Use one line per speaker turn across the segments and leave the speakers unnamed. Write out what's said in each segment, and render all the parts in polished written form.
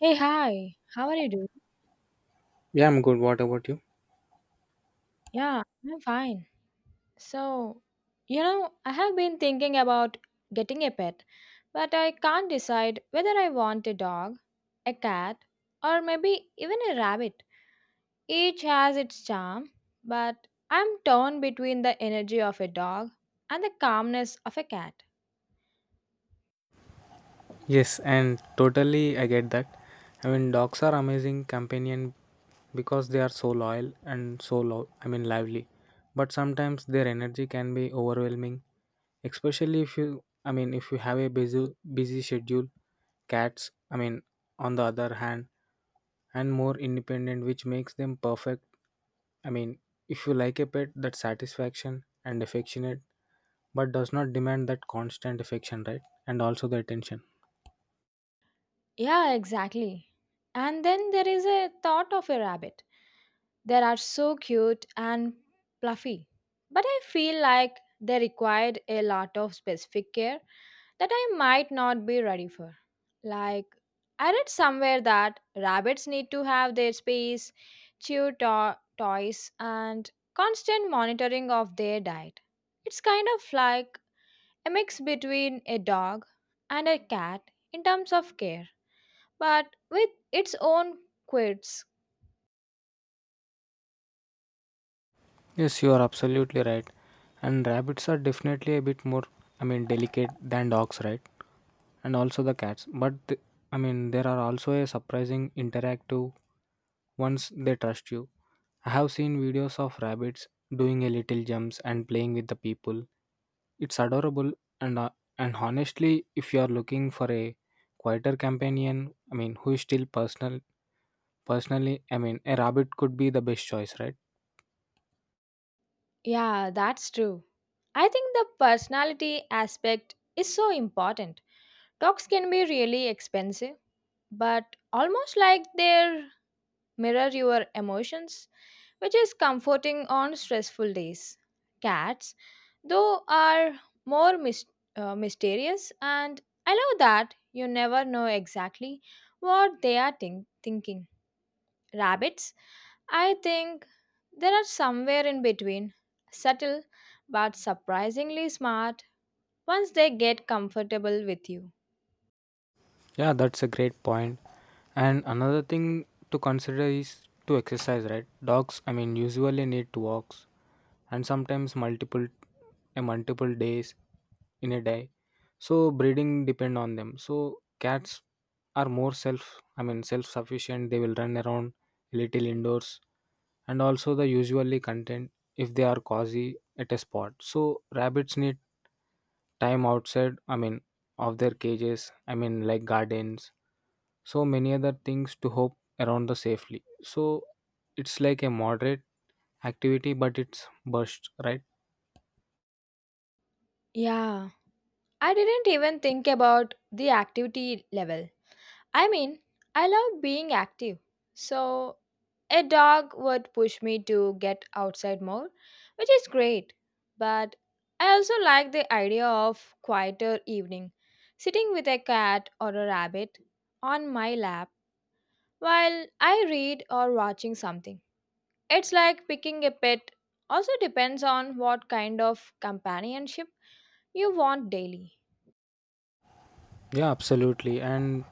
Hey, hi. How are you doing?
Yeah, I'm good. What about you?
Yeah, I'm fine. So, I have been thinking about getting a pet, but I can't decide whether I want a dog, a cat, or maybe even a rabbit. Each has its charm, but I'm torn between the energy of a dog and the calmness of a cat.
Yes, and totally I get that. Dogs are amazing companion because they are so loyal and so lively. But sometimes their energy can be overwhelming, especially if if you have a busy schedule. Cats, on the other hand, and more independent, which makes them perfect. I mean, if you like a pet that's satisfaction and affectionate, but does not demand that constant affection, right? And also the attention.
Yeah, exactly. And then there is a thought of a rabbit. They are so cute and fluffy. But I feel like they required a lot of specific care that I might not be ready for. Like, I read somewhere that rabbits need to have their space, toys, and constant monitoring of their diet. It's kind of like a mix between a dog and a cat in terms of care but with its own quirks.
Yes, you are absolutely right. And rabbits are definitely a bit delicate than dogs, right? And also the cats. But th- I mean, There are also a surprising interactive once they trust you. I have seen videos of rabbits doing a little jumps and playing with the people. It's adorable and uh, and honestly, if you are looking for a quieter who is still personal, personally, I mean, a rabbit could be the best choice, right?
Yeah, that's true. I think the personality aspect is so important. Dogs can be really expensive, but almost like they mirror your emotions, which is comforting on stressful days. Cats, though, are more mysterious, and I love that you never know exactly what they are thinking. Rabbits, I think, there are somewhere in between, subtle but surprisingly smart once they get comfortable with you.
Yeah, that's a great point. And another thing to consider is to exercise, right? Usually need to walks and sometimes multiple days in a day. So breeding depend on them. So cats are more self sufficient. They will run around a little indoors and also the usually content if they are cozy at a spot. So rabbits need time of their like gardens so many other things to hope around the safely so it's like a moderate activity but it's burst right.
Yeah, I didn't even think about the activity level. I mean, I love being active. So, a dog would push me to get outside more, which is great. But I also like the idea of quieter evening, sitting with a cat or a rabbit on my lap while I read or watching something. It's like picking a pet. Also depends on what kind of companionship you want daily.
Yeah, absolutely. And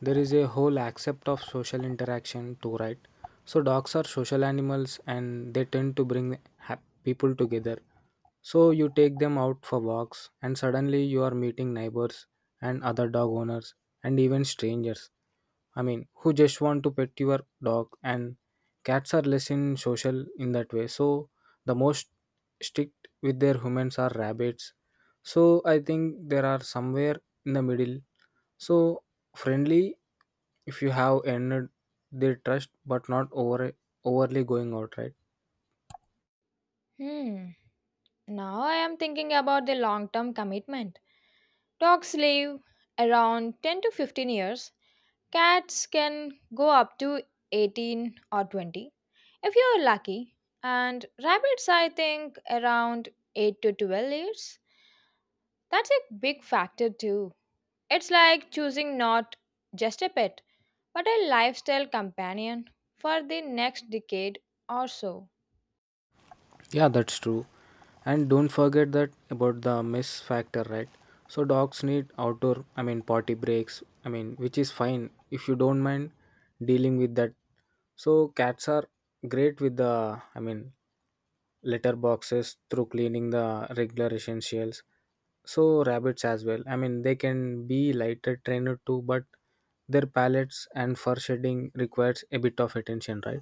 there is a whole accept of social interaction too, right? So dogs are social animals and they tend to bring hap- people together. So you take them out for walks and suddenly you are meeting neighbors and other dog owners and even strangers. Who just want to pet your dog and cats are less in social in that way. So the most strict with their humans are rabbits. So I think there are somewhere in the middle so friendly if you have earned their trust but not overly going out, right?
Hmm. Now I am thinking about the long-term commitment. Dogs live around 10 to 15 years. Cats can go up to 18 or 20 if you are lucky. And rabbits I think around 8 to 12 years. That's a big factor too. It's like choosing not just a pet, but a lifestyle companion for the next decade or so.
Yeah, that's true. And don't forget that about the mess factor, right? So dogs need outdoor, I mean party breaks, which is fine if you don't mind dealing with that. So cats are great with the I mean litter boxes through cleaning the regular essentials. So rabbits as well. They can be lighter trained too, but their palates and fur shedding requires a bit of attention, right?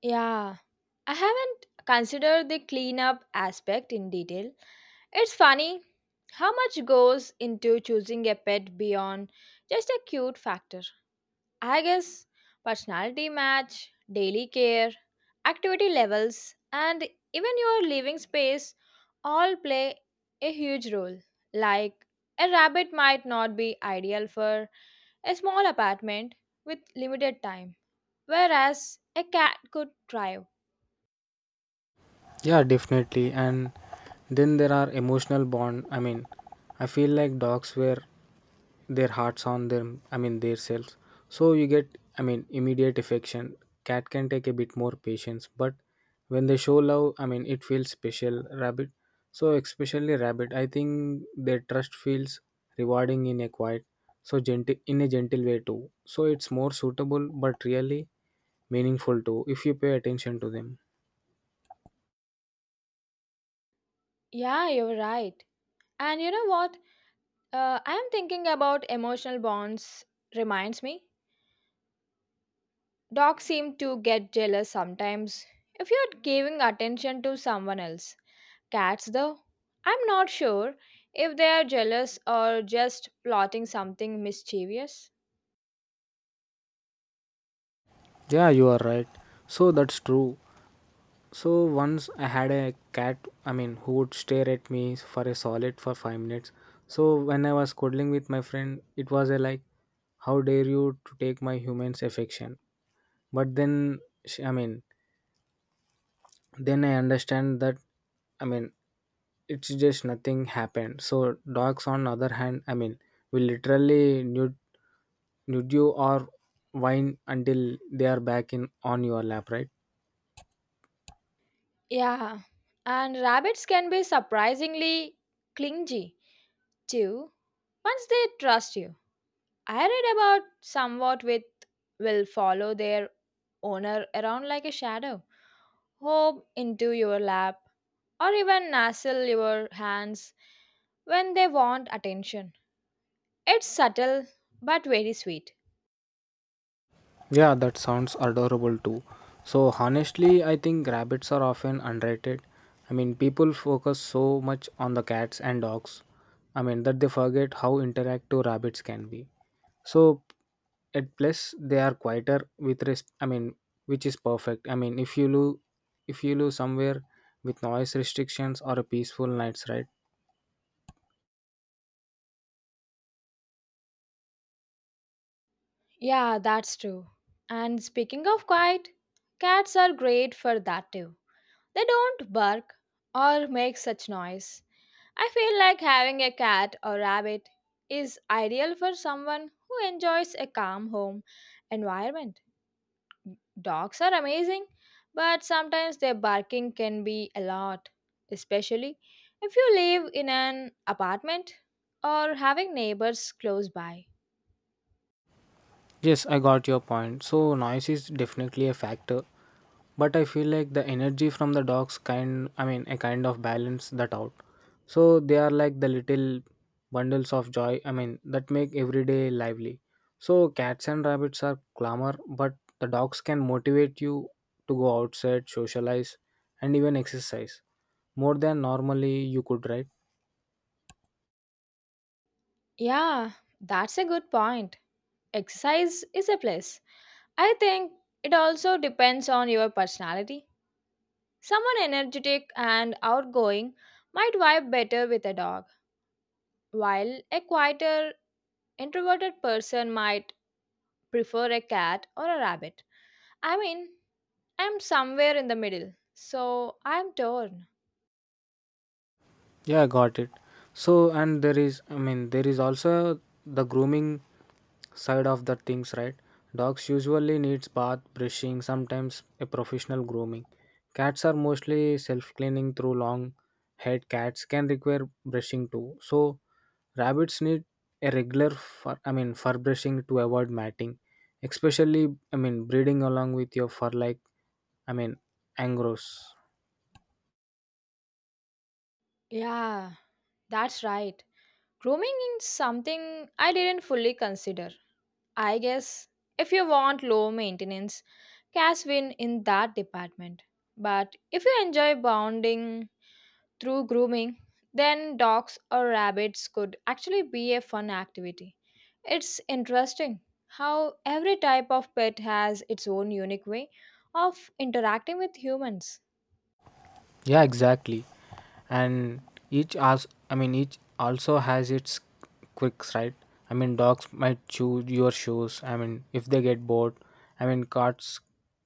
Yeah, I haven't considered the cleanup aspect in detail. It's funny how much goes into choosing a pet beyond just a cute factor. I guess personality match, daily care, activity levels, and even your living space all play a huge role. Like a rabbit might not be ideal for a small apartment with limited time, whereas a cat could thrive.
Yeah, definitely. And then there are emotional bond. I feel like dogs wear their hearts on them, their selves. So you get immediate affection. Cat can take a bit more patience, but when they show love, it feels special. Rabbit, so Especially rabbit, I think their trust feels rewarding in a quiet, so gentle in a gentle way too. So it's more suitable, but really meaningful too if you pay attention to them.
Yeah, you're right. And you know what? I am thinking about emotional bonds, reminds me. Dogs seem to get jealous sometimes if you're giving attention to someone else. Cats, though, I'm not sure if they are jealous or just plotting something mischievous.
Yeah, you are right. So that's true. So once I had a cat, who would stare at me for a solid for 5 minutes. So when I was cuddling with my friend, it was a like, how dare you to take my human's affection? But she, I mean, then I understand that, I mean, it's just nothing happened. So dogs, on other hand, will literally nude you or whine until they are back in on your lap, right?
Yeah, and rabbits can be surprisingly clingy too once they trust you. I read about somewhat with will follow their owner around like a shadow, hop into your lap, or even nuzzle your hands when they want attention. It's subtle but very sweet.
Yeah, that sounds adorable too. So, honestly, I think rabbits are often underrated. People focus so much on the cats and dogs. That they forget how interactive rabbits can be. So, at plus, they are quieter with res- I mean, which is perfect. If you lose somewhere with noise restrictions or a peaceful night's ride.
Yeah, that's true. And speaking of quiet, cats are great for that too. They don't bark or make such noise. I feel like having a cat or rabbit is ideal for someone who enjoys a calm home environment. Dogs are amazing, but sometimes their barking can be a lot, especially if you live in an apartment or having neighbors close by.
Yes, I got your point. So, noise is definitely a factor, but I feel like the energy from the dogs a kind of balance that out. So, they are like the little bundles of joy, that make everyday lively. So, cats and rabbits are clamor, but the dogs can motivate you to go outside, socialize, and even exercise more than normally you could, right?
Yeah, that's a good point. Exercise is a plus. I think it also depends on your personality. Someone energetic and outgoing might vibe better with a dog, while a quieter, introverted person might prefer a cat or a rabbit. I mean, I'm somewhere in the middle, so I'm torn.
Yeah, got it. So, and there there is also the grooming side of the things, right? Dogs usually needs bath, brushing, sometimes a professional grooming. Cats are mostly self-cleaning through long haired cats can require brushing too. So, rabbits need a regular fur brushing to avoid matting, especially, breeding along with your fur like, I mean, Angros.
Yeah, that's right. Grooming is something I didn't fully consider. I guess if you want low maintenance, cash win in that department. But if you enjoy bonding through grooming, then dogs or rabbits could actually be a fun activity. It's interesting how every type of pet has its own unique way of interacting with humans.
Yeah, exactly. And each as I mean each also has its quirks, right? Dogs might chew your shoes. If they get bored. Cats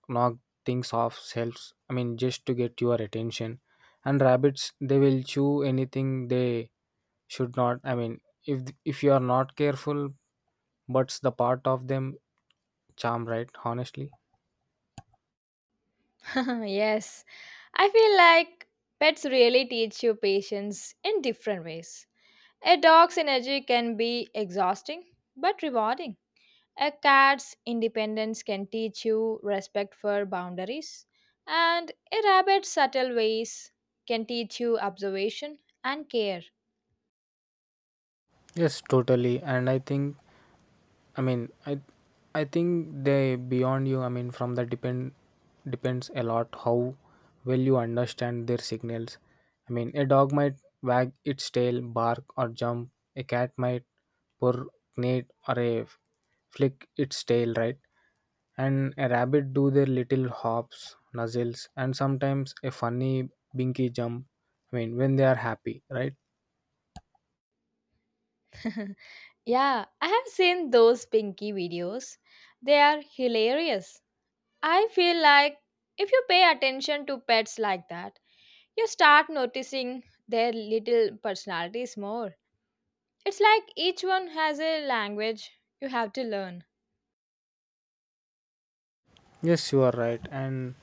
knock things off shelves. Just to get your attention. And rabbits they will chew anything they should not. If you are not careful, but's the part of them charm, right? Honestly.
Yes, I feel like pets really teach you patience in different ways. A dog's energy can be exhausting but rewarding. A cat's independence can teach you respect for boundaries, and a rabbit's subtle ways can teach you observation and care.
Yes, totally. And I think I mean, I I think they beyond you. From that depends a lot how well you understand their signals. A dog might wag its tail, bark or jump. A cat might purr, neigh, or a flick its tail, right? And a rabbit do their little hops, nuzzles, and sometimes a funny binky jump. When they are happy, right?
Yeah, I have seen those Pinky videos. They are hilarious. I feel like if you pay attention to pets like that, you start noticing their little personalities more. It's like each one has a language you have to learn.
Yes, you are right. And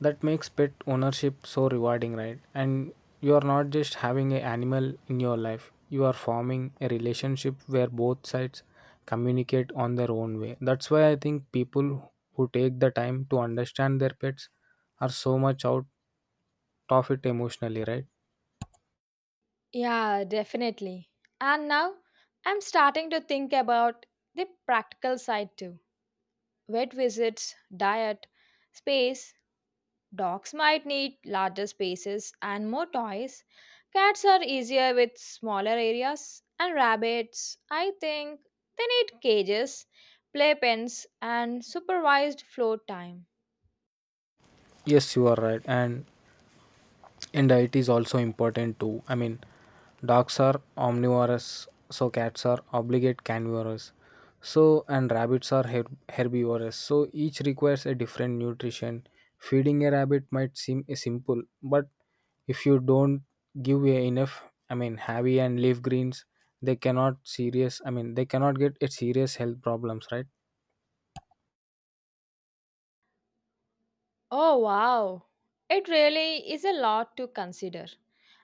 that makes pet ownership so rewarding, right? And you are not just having an animal in your life, you are forming a relationship where both sides communicate on their own way. That's why I think people who take the time to understand their pets are so much out of it emotionally, right?
Yeah, definitely. And now I'm starting to think about the practical side too. Vet visits, diet, space. Dogs might need larger spaces and more toys. Cats are easier with smaller areas. And rabbits, I think they need cages, play pens, and supervised floor time.
Yes, you are right. And diet is also important too. Dogs are omnivorous, so cats are obligate carnivores, so and rabbits are herbivores, so each requires a different nutrition. Feeding a rabbit might seem simple, but if you don't give a enough, heavy and leaf greens, they cannot serious I mean they cannot get a serious health problems, right?
Oh, wow. It really is a lot to consider.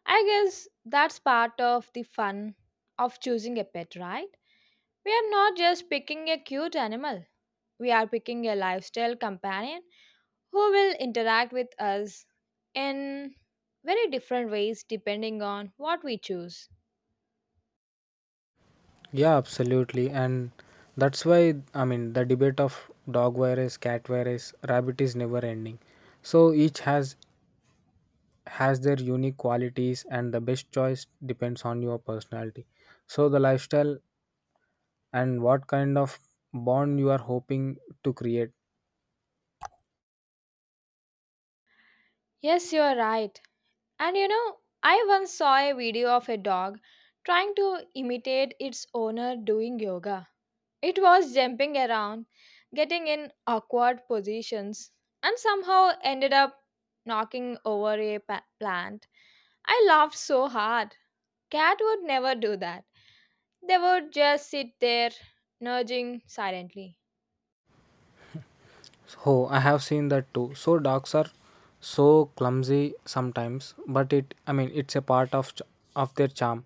I guess that's part of the fun of choosing a pet, right? We are not just picking a cute animal, we are picking a lifestyle companion who will interact with us in very different ways depending on what we choose.
Yeah, absolutely. And that's why, the debate of dog virus, cat virus, rabbit is never ending. So each has their unique qualities and the best choice depends on your personality. So the lifestyle and what kind of bond you are hoping to create.
Yes, you are right. And you know, I once saw a video of a dog trying to imitate its owner doing yoga. It was jumping around, getting in awkward positions, and somehow ended up knocking over a plant. I laughed so hard. Cat would never do that. They would just sit there, nudging silently.
Oh, I have seen that too. So dogs are so clumsy sometimes, but it I mean it's a part of of their charm.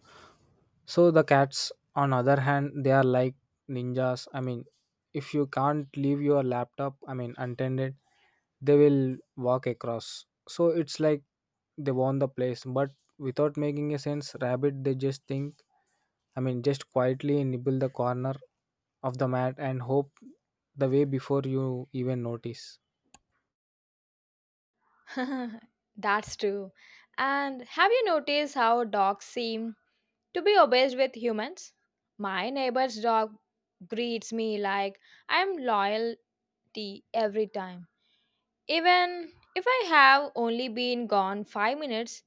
So the cats on other hand, they are like ninjas. If you can't leave your laptop untended, they will walk across. So it's like they want the place, but without making a sense, rabbit they just think just quietly nibble the corner of the mat and hope the way before you even notice.
That's true. And have you noticed how dogs seem to be obsessed with humans? My neighbor's dog greets me like I'm loyalty every time. Even if I have only been gone 5 minutes,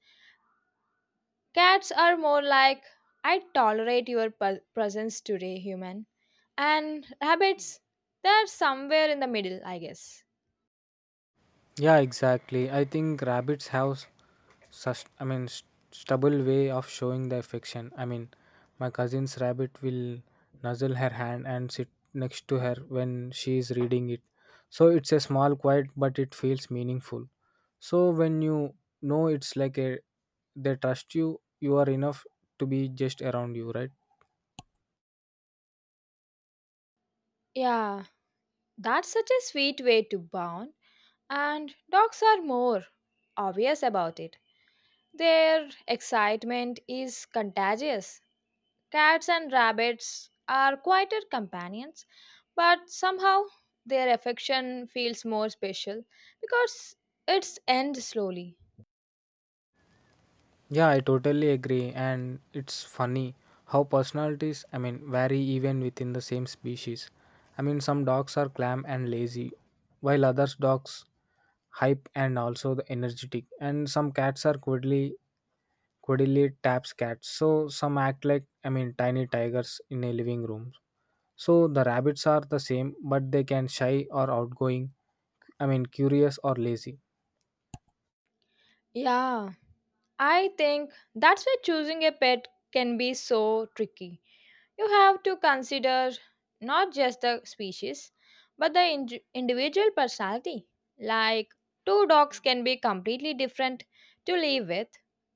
cats are more like, I tolerate your presence today, human. And rabbits, they're somewhere in the middle, I guess.
Yeah, exactly. I think rabbits have such stubble way of showing their affection. My cousin's rabbit will nuzzle her hand and sit next to her when she is reading it. So it's a small, quiet, but it feels meaningful. So when you know it's like a they trust you, you are enough to be just around you, right?
Yeah, that's such a sweet way to bond. And dogs are more obvious about it. Their excitement is contagious. Cats and rabbits are quieter companions, but somehow their affection feels more special because it's end slowly.
Yeah, I totally agree. And it's funny how personalities vary even within the same species. Some dogs are calm and lazy, while others dogs hype and also the energetic. And some cats are cuddly taps cats. So some act like tiny tigers in a living room. So the rabbits are the same, but they can shy or outgoing. Curious or lazy.
Yeah, I think that's why choosing a pet can be so tricky. You have to consider not just the species, but the individual personality. Like two dogs can be completely different to live with.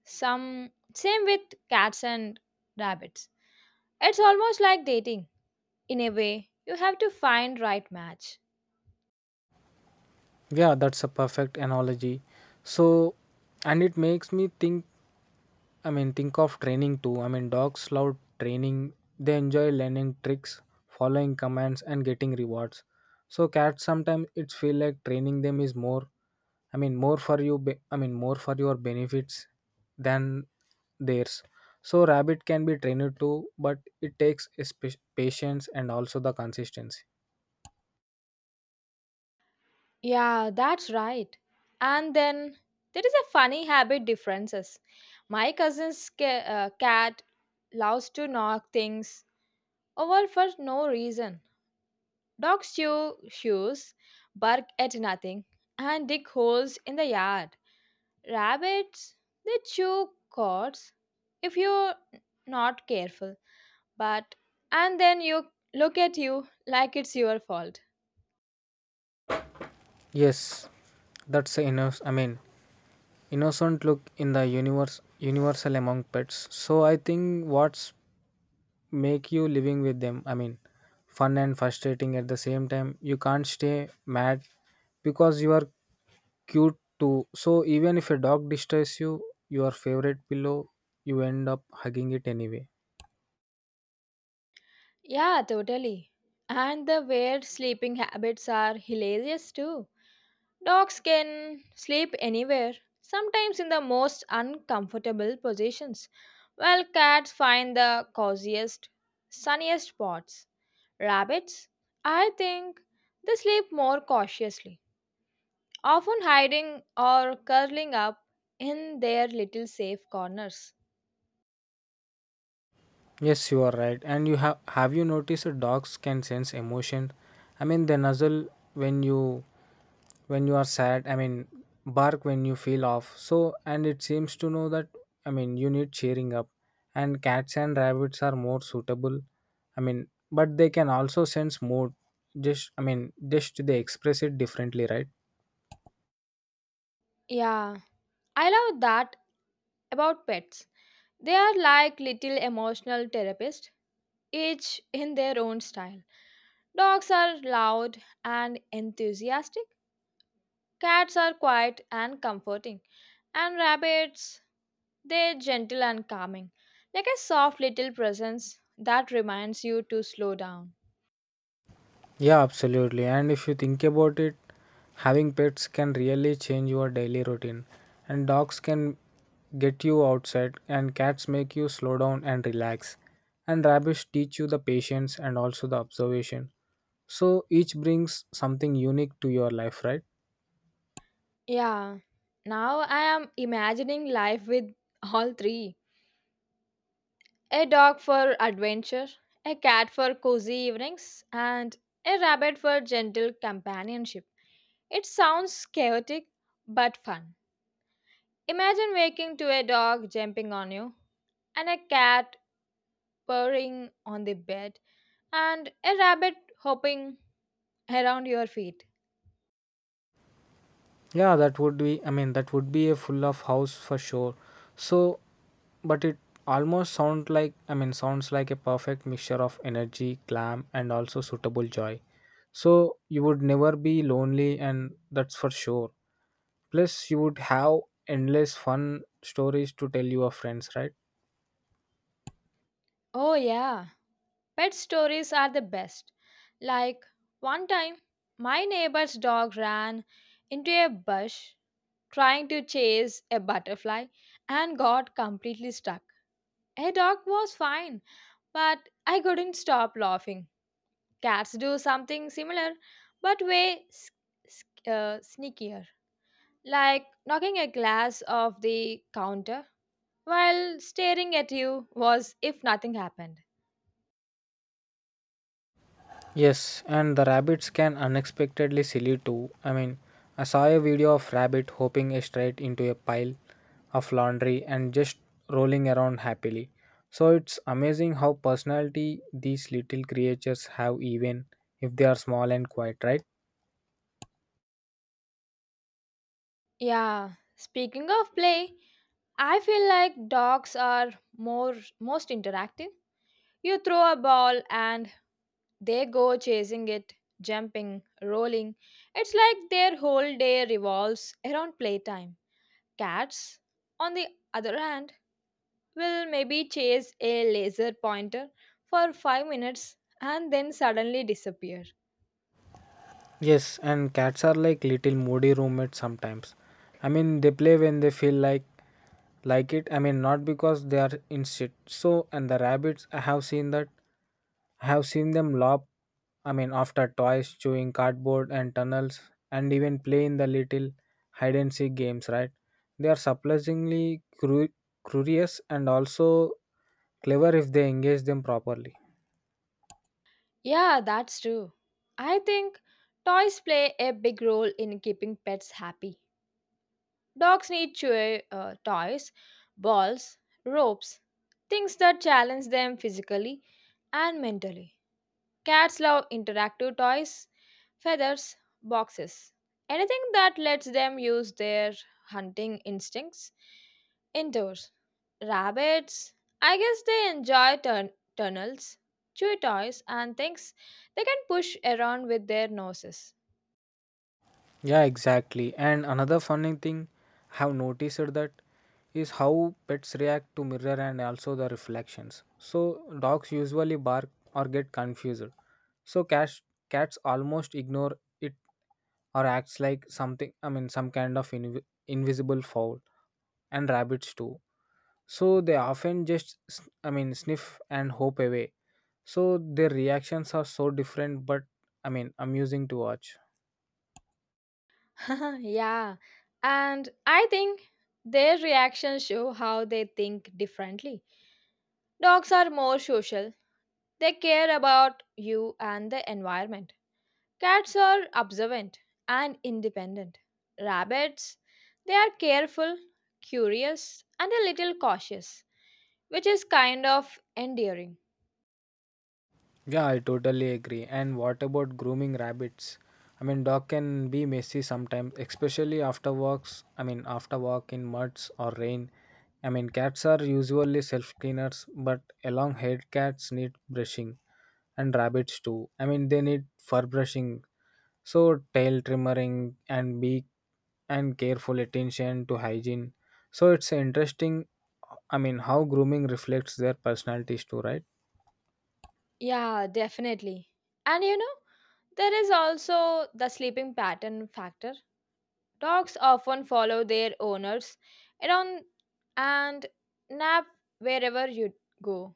Some same with cats and rabbits. It's almost like dating. In a way, you have to find right match.
Yeah, that's a perfect analogy. So, and it makes me think think of training too. Dogs love training. They enjoy learning tricks, following commands, and getting rewards. So cats sometimes it feel like training them is more. More for you. More for your benefits than theirs. So rabbit can be trained too, but it takes a patience and also the consistency.
Yeah, that's right. And then there is a funny habit differences. My cousin's cat loves to knock things over for no reason. Dogs chew shoes, bark at nothing, and dig holes in the yard. Rabbits, they chew cords if you're not careful. But, and then you look at you like it's your fault.
Yes, that's a innocent look in the universe universal among pets. So I think what's make you living with them. Fun and frustrating at the same time. You can't stay mad because you are cute too. So even if a dog disturbs you, your favorite pillow, you end up hugging it anyway.
Yeah, totally. And the weird sleeping habits are hilarious too. Dogs can sleep anywhere, sometimes in the most uncomfortable positions, while cats find the coziest, sunniest spots. Rabbits, I think, they sleep more cautiously, often hiding or curling up in their little safe corners.
Yes, you are right. And you have you noticed that dogs can sense emotion? I mean, they nuzzle when you when you are sad, bark when you feel off. And it seems to know that, you need cheering up. And cats and rabbits are more suitable, i mean but they can also sense mood, just I mean just they express it differently, right?
Yeah, I love that about pets. They are like little emotional therapists, each in their own style. Dogs are loud and enthusiastic, cats are quiet and comforting, and rabbits, they're gentle and calming, like a soft little presence that reminds you to slow down.
Yeah, absolutely. And if you think about it, having pets can really change your daily routine. And dogs can get you outside, and cats make you slow down and relax, and rabbits teach you the patience and also the observation. So each brings something unique to your life, right?
Yeah, now I am imagining life with all three. A dog for adventure, a cat for cozy evenings, and a rabbit for gentle companionship. It sounds chaotic but fun. Imagine waking to a dog jumping on you, and a cat purring on the bed, and a rabbit hopping around your feet.
Yeah, that would be, that would be a full of house for sure. So, but it almost sounds like, sounds like a perfect mixture of energy, glam, and also suitable joy. So you would never be lonely, and that's for sure. Plus, you would have endless fun stories to tell your friends, right?
Oh, yeah, pet stories are the best. Like one time, my neighbor's dog ran into a bush trying to chase a butterfly and got completely stuck. A dog was fine, but I couldn't stop laughing. Cats do something similar, but way sneakier, like knocking a glass off the counter while staring at you was if nothing happened.
Yes, and the rabbits can unexpectedly silly too. I saw a video of rabbit hopping straight into a pile of laundry and just rolling around happily. So it's amazing how personality these little creatures have, even if they are small and quiet, right?
Yeah, speaking of play, I feel like dogs are more most interactive. You throw a ball and they go chasing it, jumping, rolling. It's like their whole day revolves around playtime. Cats, on the other hand, will maybe chase a laser pointer for 5 minutes and then suddenly disappear.
Yes, and cats are like little moody roommates sometimes. I mean, they play when they feel like it. I mean, not because they are instinct. So, and the rabbits, I have seen that. I have seen them lop. I mean, after toys, chewing cardboard and tunnels, and even play in the little hide and seek games. Right? They are surprisingly curious and also clever if they engage them properly.
Yeah, that's true. I think toys play a big role in keeping pets happy. Dogs need chew toys, balls, ropes, things that challenge them physically and mentally. Cats love interactive toys, feathers, boxes, anything that lets them use their hunting instincts indoors. Rabbits, I guess they enjoy tunnels, chew toys, and things they can push around with their noses.
Yeah, exactly. And another funny thing I have noticed that is how pets react to mirror and also the reflections. So dogs usually bark or get confused. So cats almost ignore it or acts like something, I mean, some kind of invisible foul. And rabbits too. So they often just sniff and hope away. So their reactions are so different but, amusing to watch.
Yeah, and I think their reactions show how they think differently. Dogs are more social, they care about you and the environment. Cats are observant and independent. Rabbits, they are careful, curious, and a little cautious, which is kind of endearing.
Yeah, I totally agree. And what about grooming rabbits? I mean, dog can be messy sometimes, especially after walks. I mean, after walk in muds or rain. I mean, cats are usually self cleaners, but along haired cats need brushing, and rabbits too. I mean, they need fur brushing, so tail trimming and beak and careful attention to hygiene. So it's interesting. I mean, how grooming reflects their personalities too, right?
Yeah, definitely. And you know, there is also the sleeping pattern factor. Dogs often follow their owners around and nap wherever you go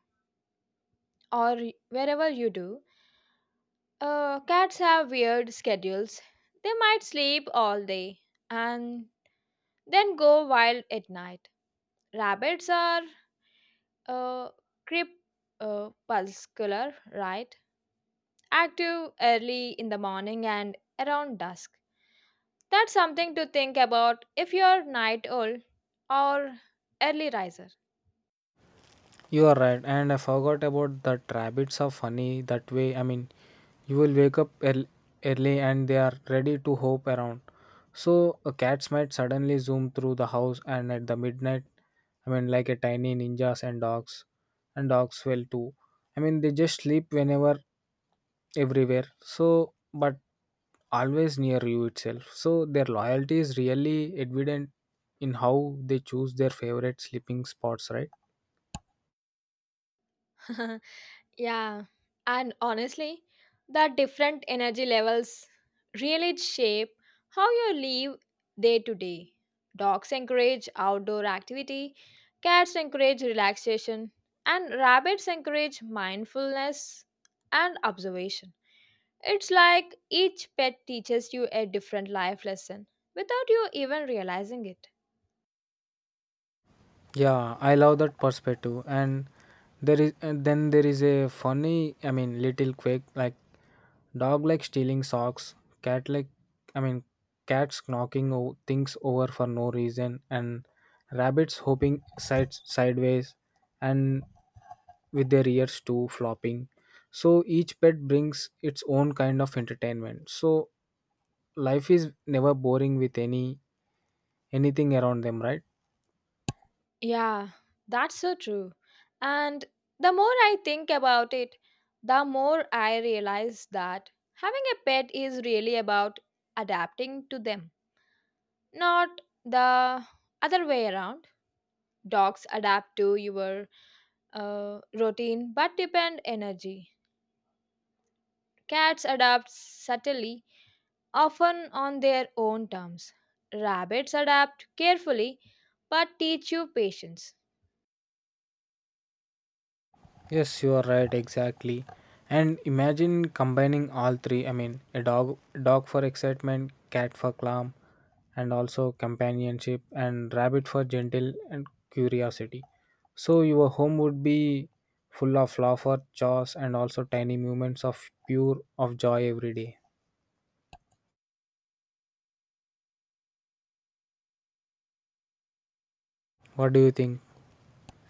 or wherever you do. Cats have weird schedules. They might sleep all day and then go wild at night. Rabbits are uh, crepuscular, right? Active early in the morning and around dusk. That's something to think about if you're night owl or early riser.
You are right, and I forgot about that rabbits are funny that way. I mean, you will wake up early and they are ready to hop around. So, a cats might suddenly zoom through the house and at the midnight, I mean, like a tiny ninjas and dogs well too. I mean, they just sleep whenever, everywhere. So, but always near you itself. So, their loyalty is really evident in how they choose their favorite sleeping spots, right?
Yeah, and honestly, the different energy levels really shape how you live day to day. Dogs encourage outdoor activity, cats encourage relaxation, and rabbits encourage mindfulness and observation. It's like each pet teaches you a different life lesson without you even realizing it.
Yeah, I love that perspective. And then there is a funny, little quirk like dog like stealing socks, cat like, I mean, cats things over for no reason, and rabbits hopping sides sideways, and with their ears too flopping. So each pet brings its own kind of entertainment. So life is never boring with anything around them, right?
Yeah, that's so true. And the more I think about it, the more I realize that having a pet is really about adapting to them, not the other way around. Dogs adapt to your routine but depend energy. Cats adapt subtly, often on their own terms. Rabbits adapt carefully but teach you patience.
Yes, you are right, exactly. And imagine combining all three. I mean, a dog for excitement, cat for calm, and also companionship, and rabbit for gentle and curiosity. So your home would be full of laughter, chores, and also tiny moments of pure of joy every day. What do you think?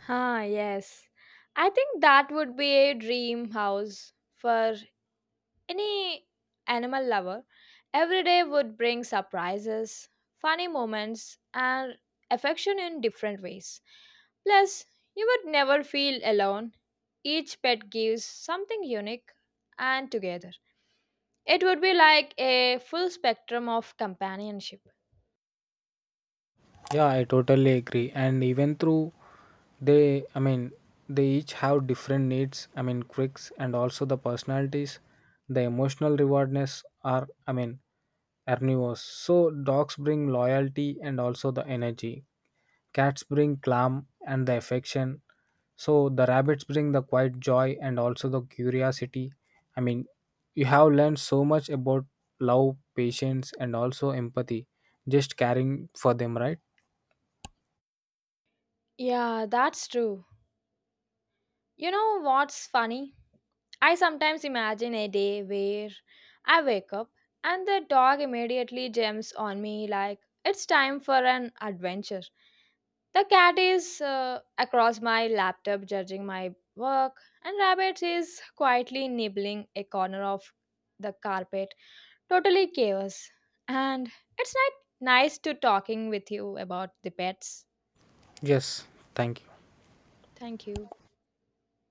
Ah, yes. I think that would be a dream house for any animal lover. Every day would bring surprises, funny moments, and affection in different ways. Plus, you would never feel alone. Each pet gives something unique and together. It would be like a full spectrum of companionship.
Yeah, I totally agree. And even through they, they each have different needs. I mean, quirks and also the personalities, the emotional rewardness are, carnivores. So dogs bring loyalty and also the energy. Cats bring calm and the affection. So the rabbits bring the quiet joy and also the curiosity. I mean, you have learned so much about love, patience, and also empathy. Just caring for them, right?
Yeah, that's true. You know what's funny? I sometimes imagine a day where I wake up and the dog immediately jumps on me like it's time for an adventure. The cat is across my laptop judging my work, and rabbit is quietly nibbling a corner of the carpet. Totally chaos. And it's not nice to talking with you about the pets.
Yes, thank you.
Thank you.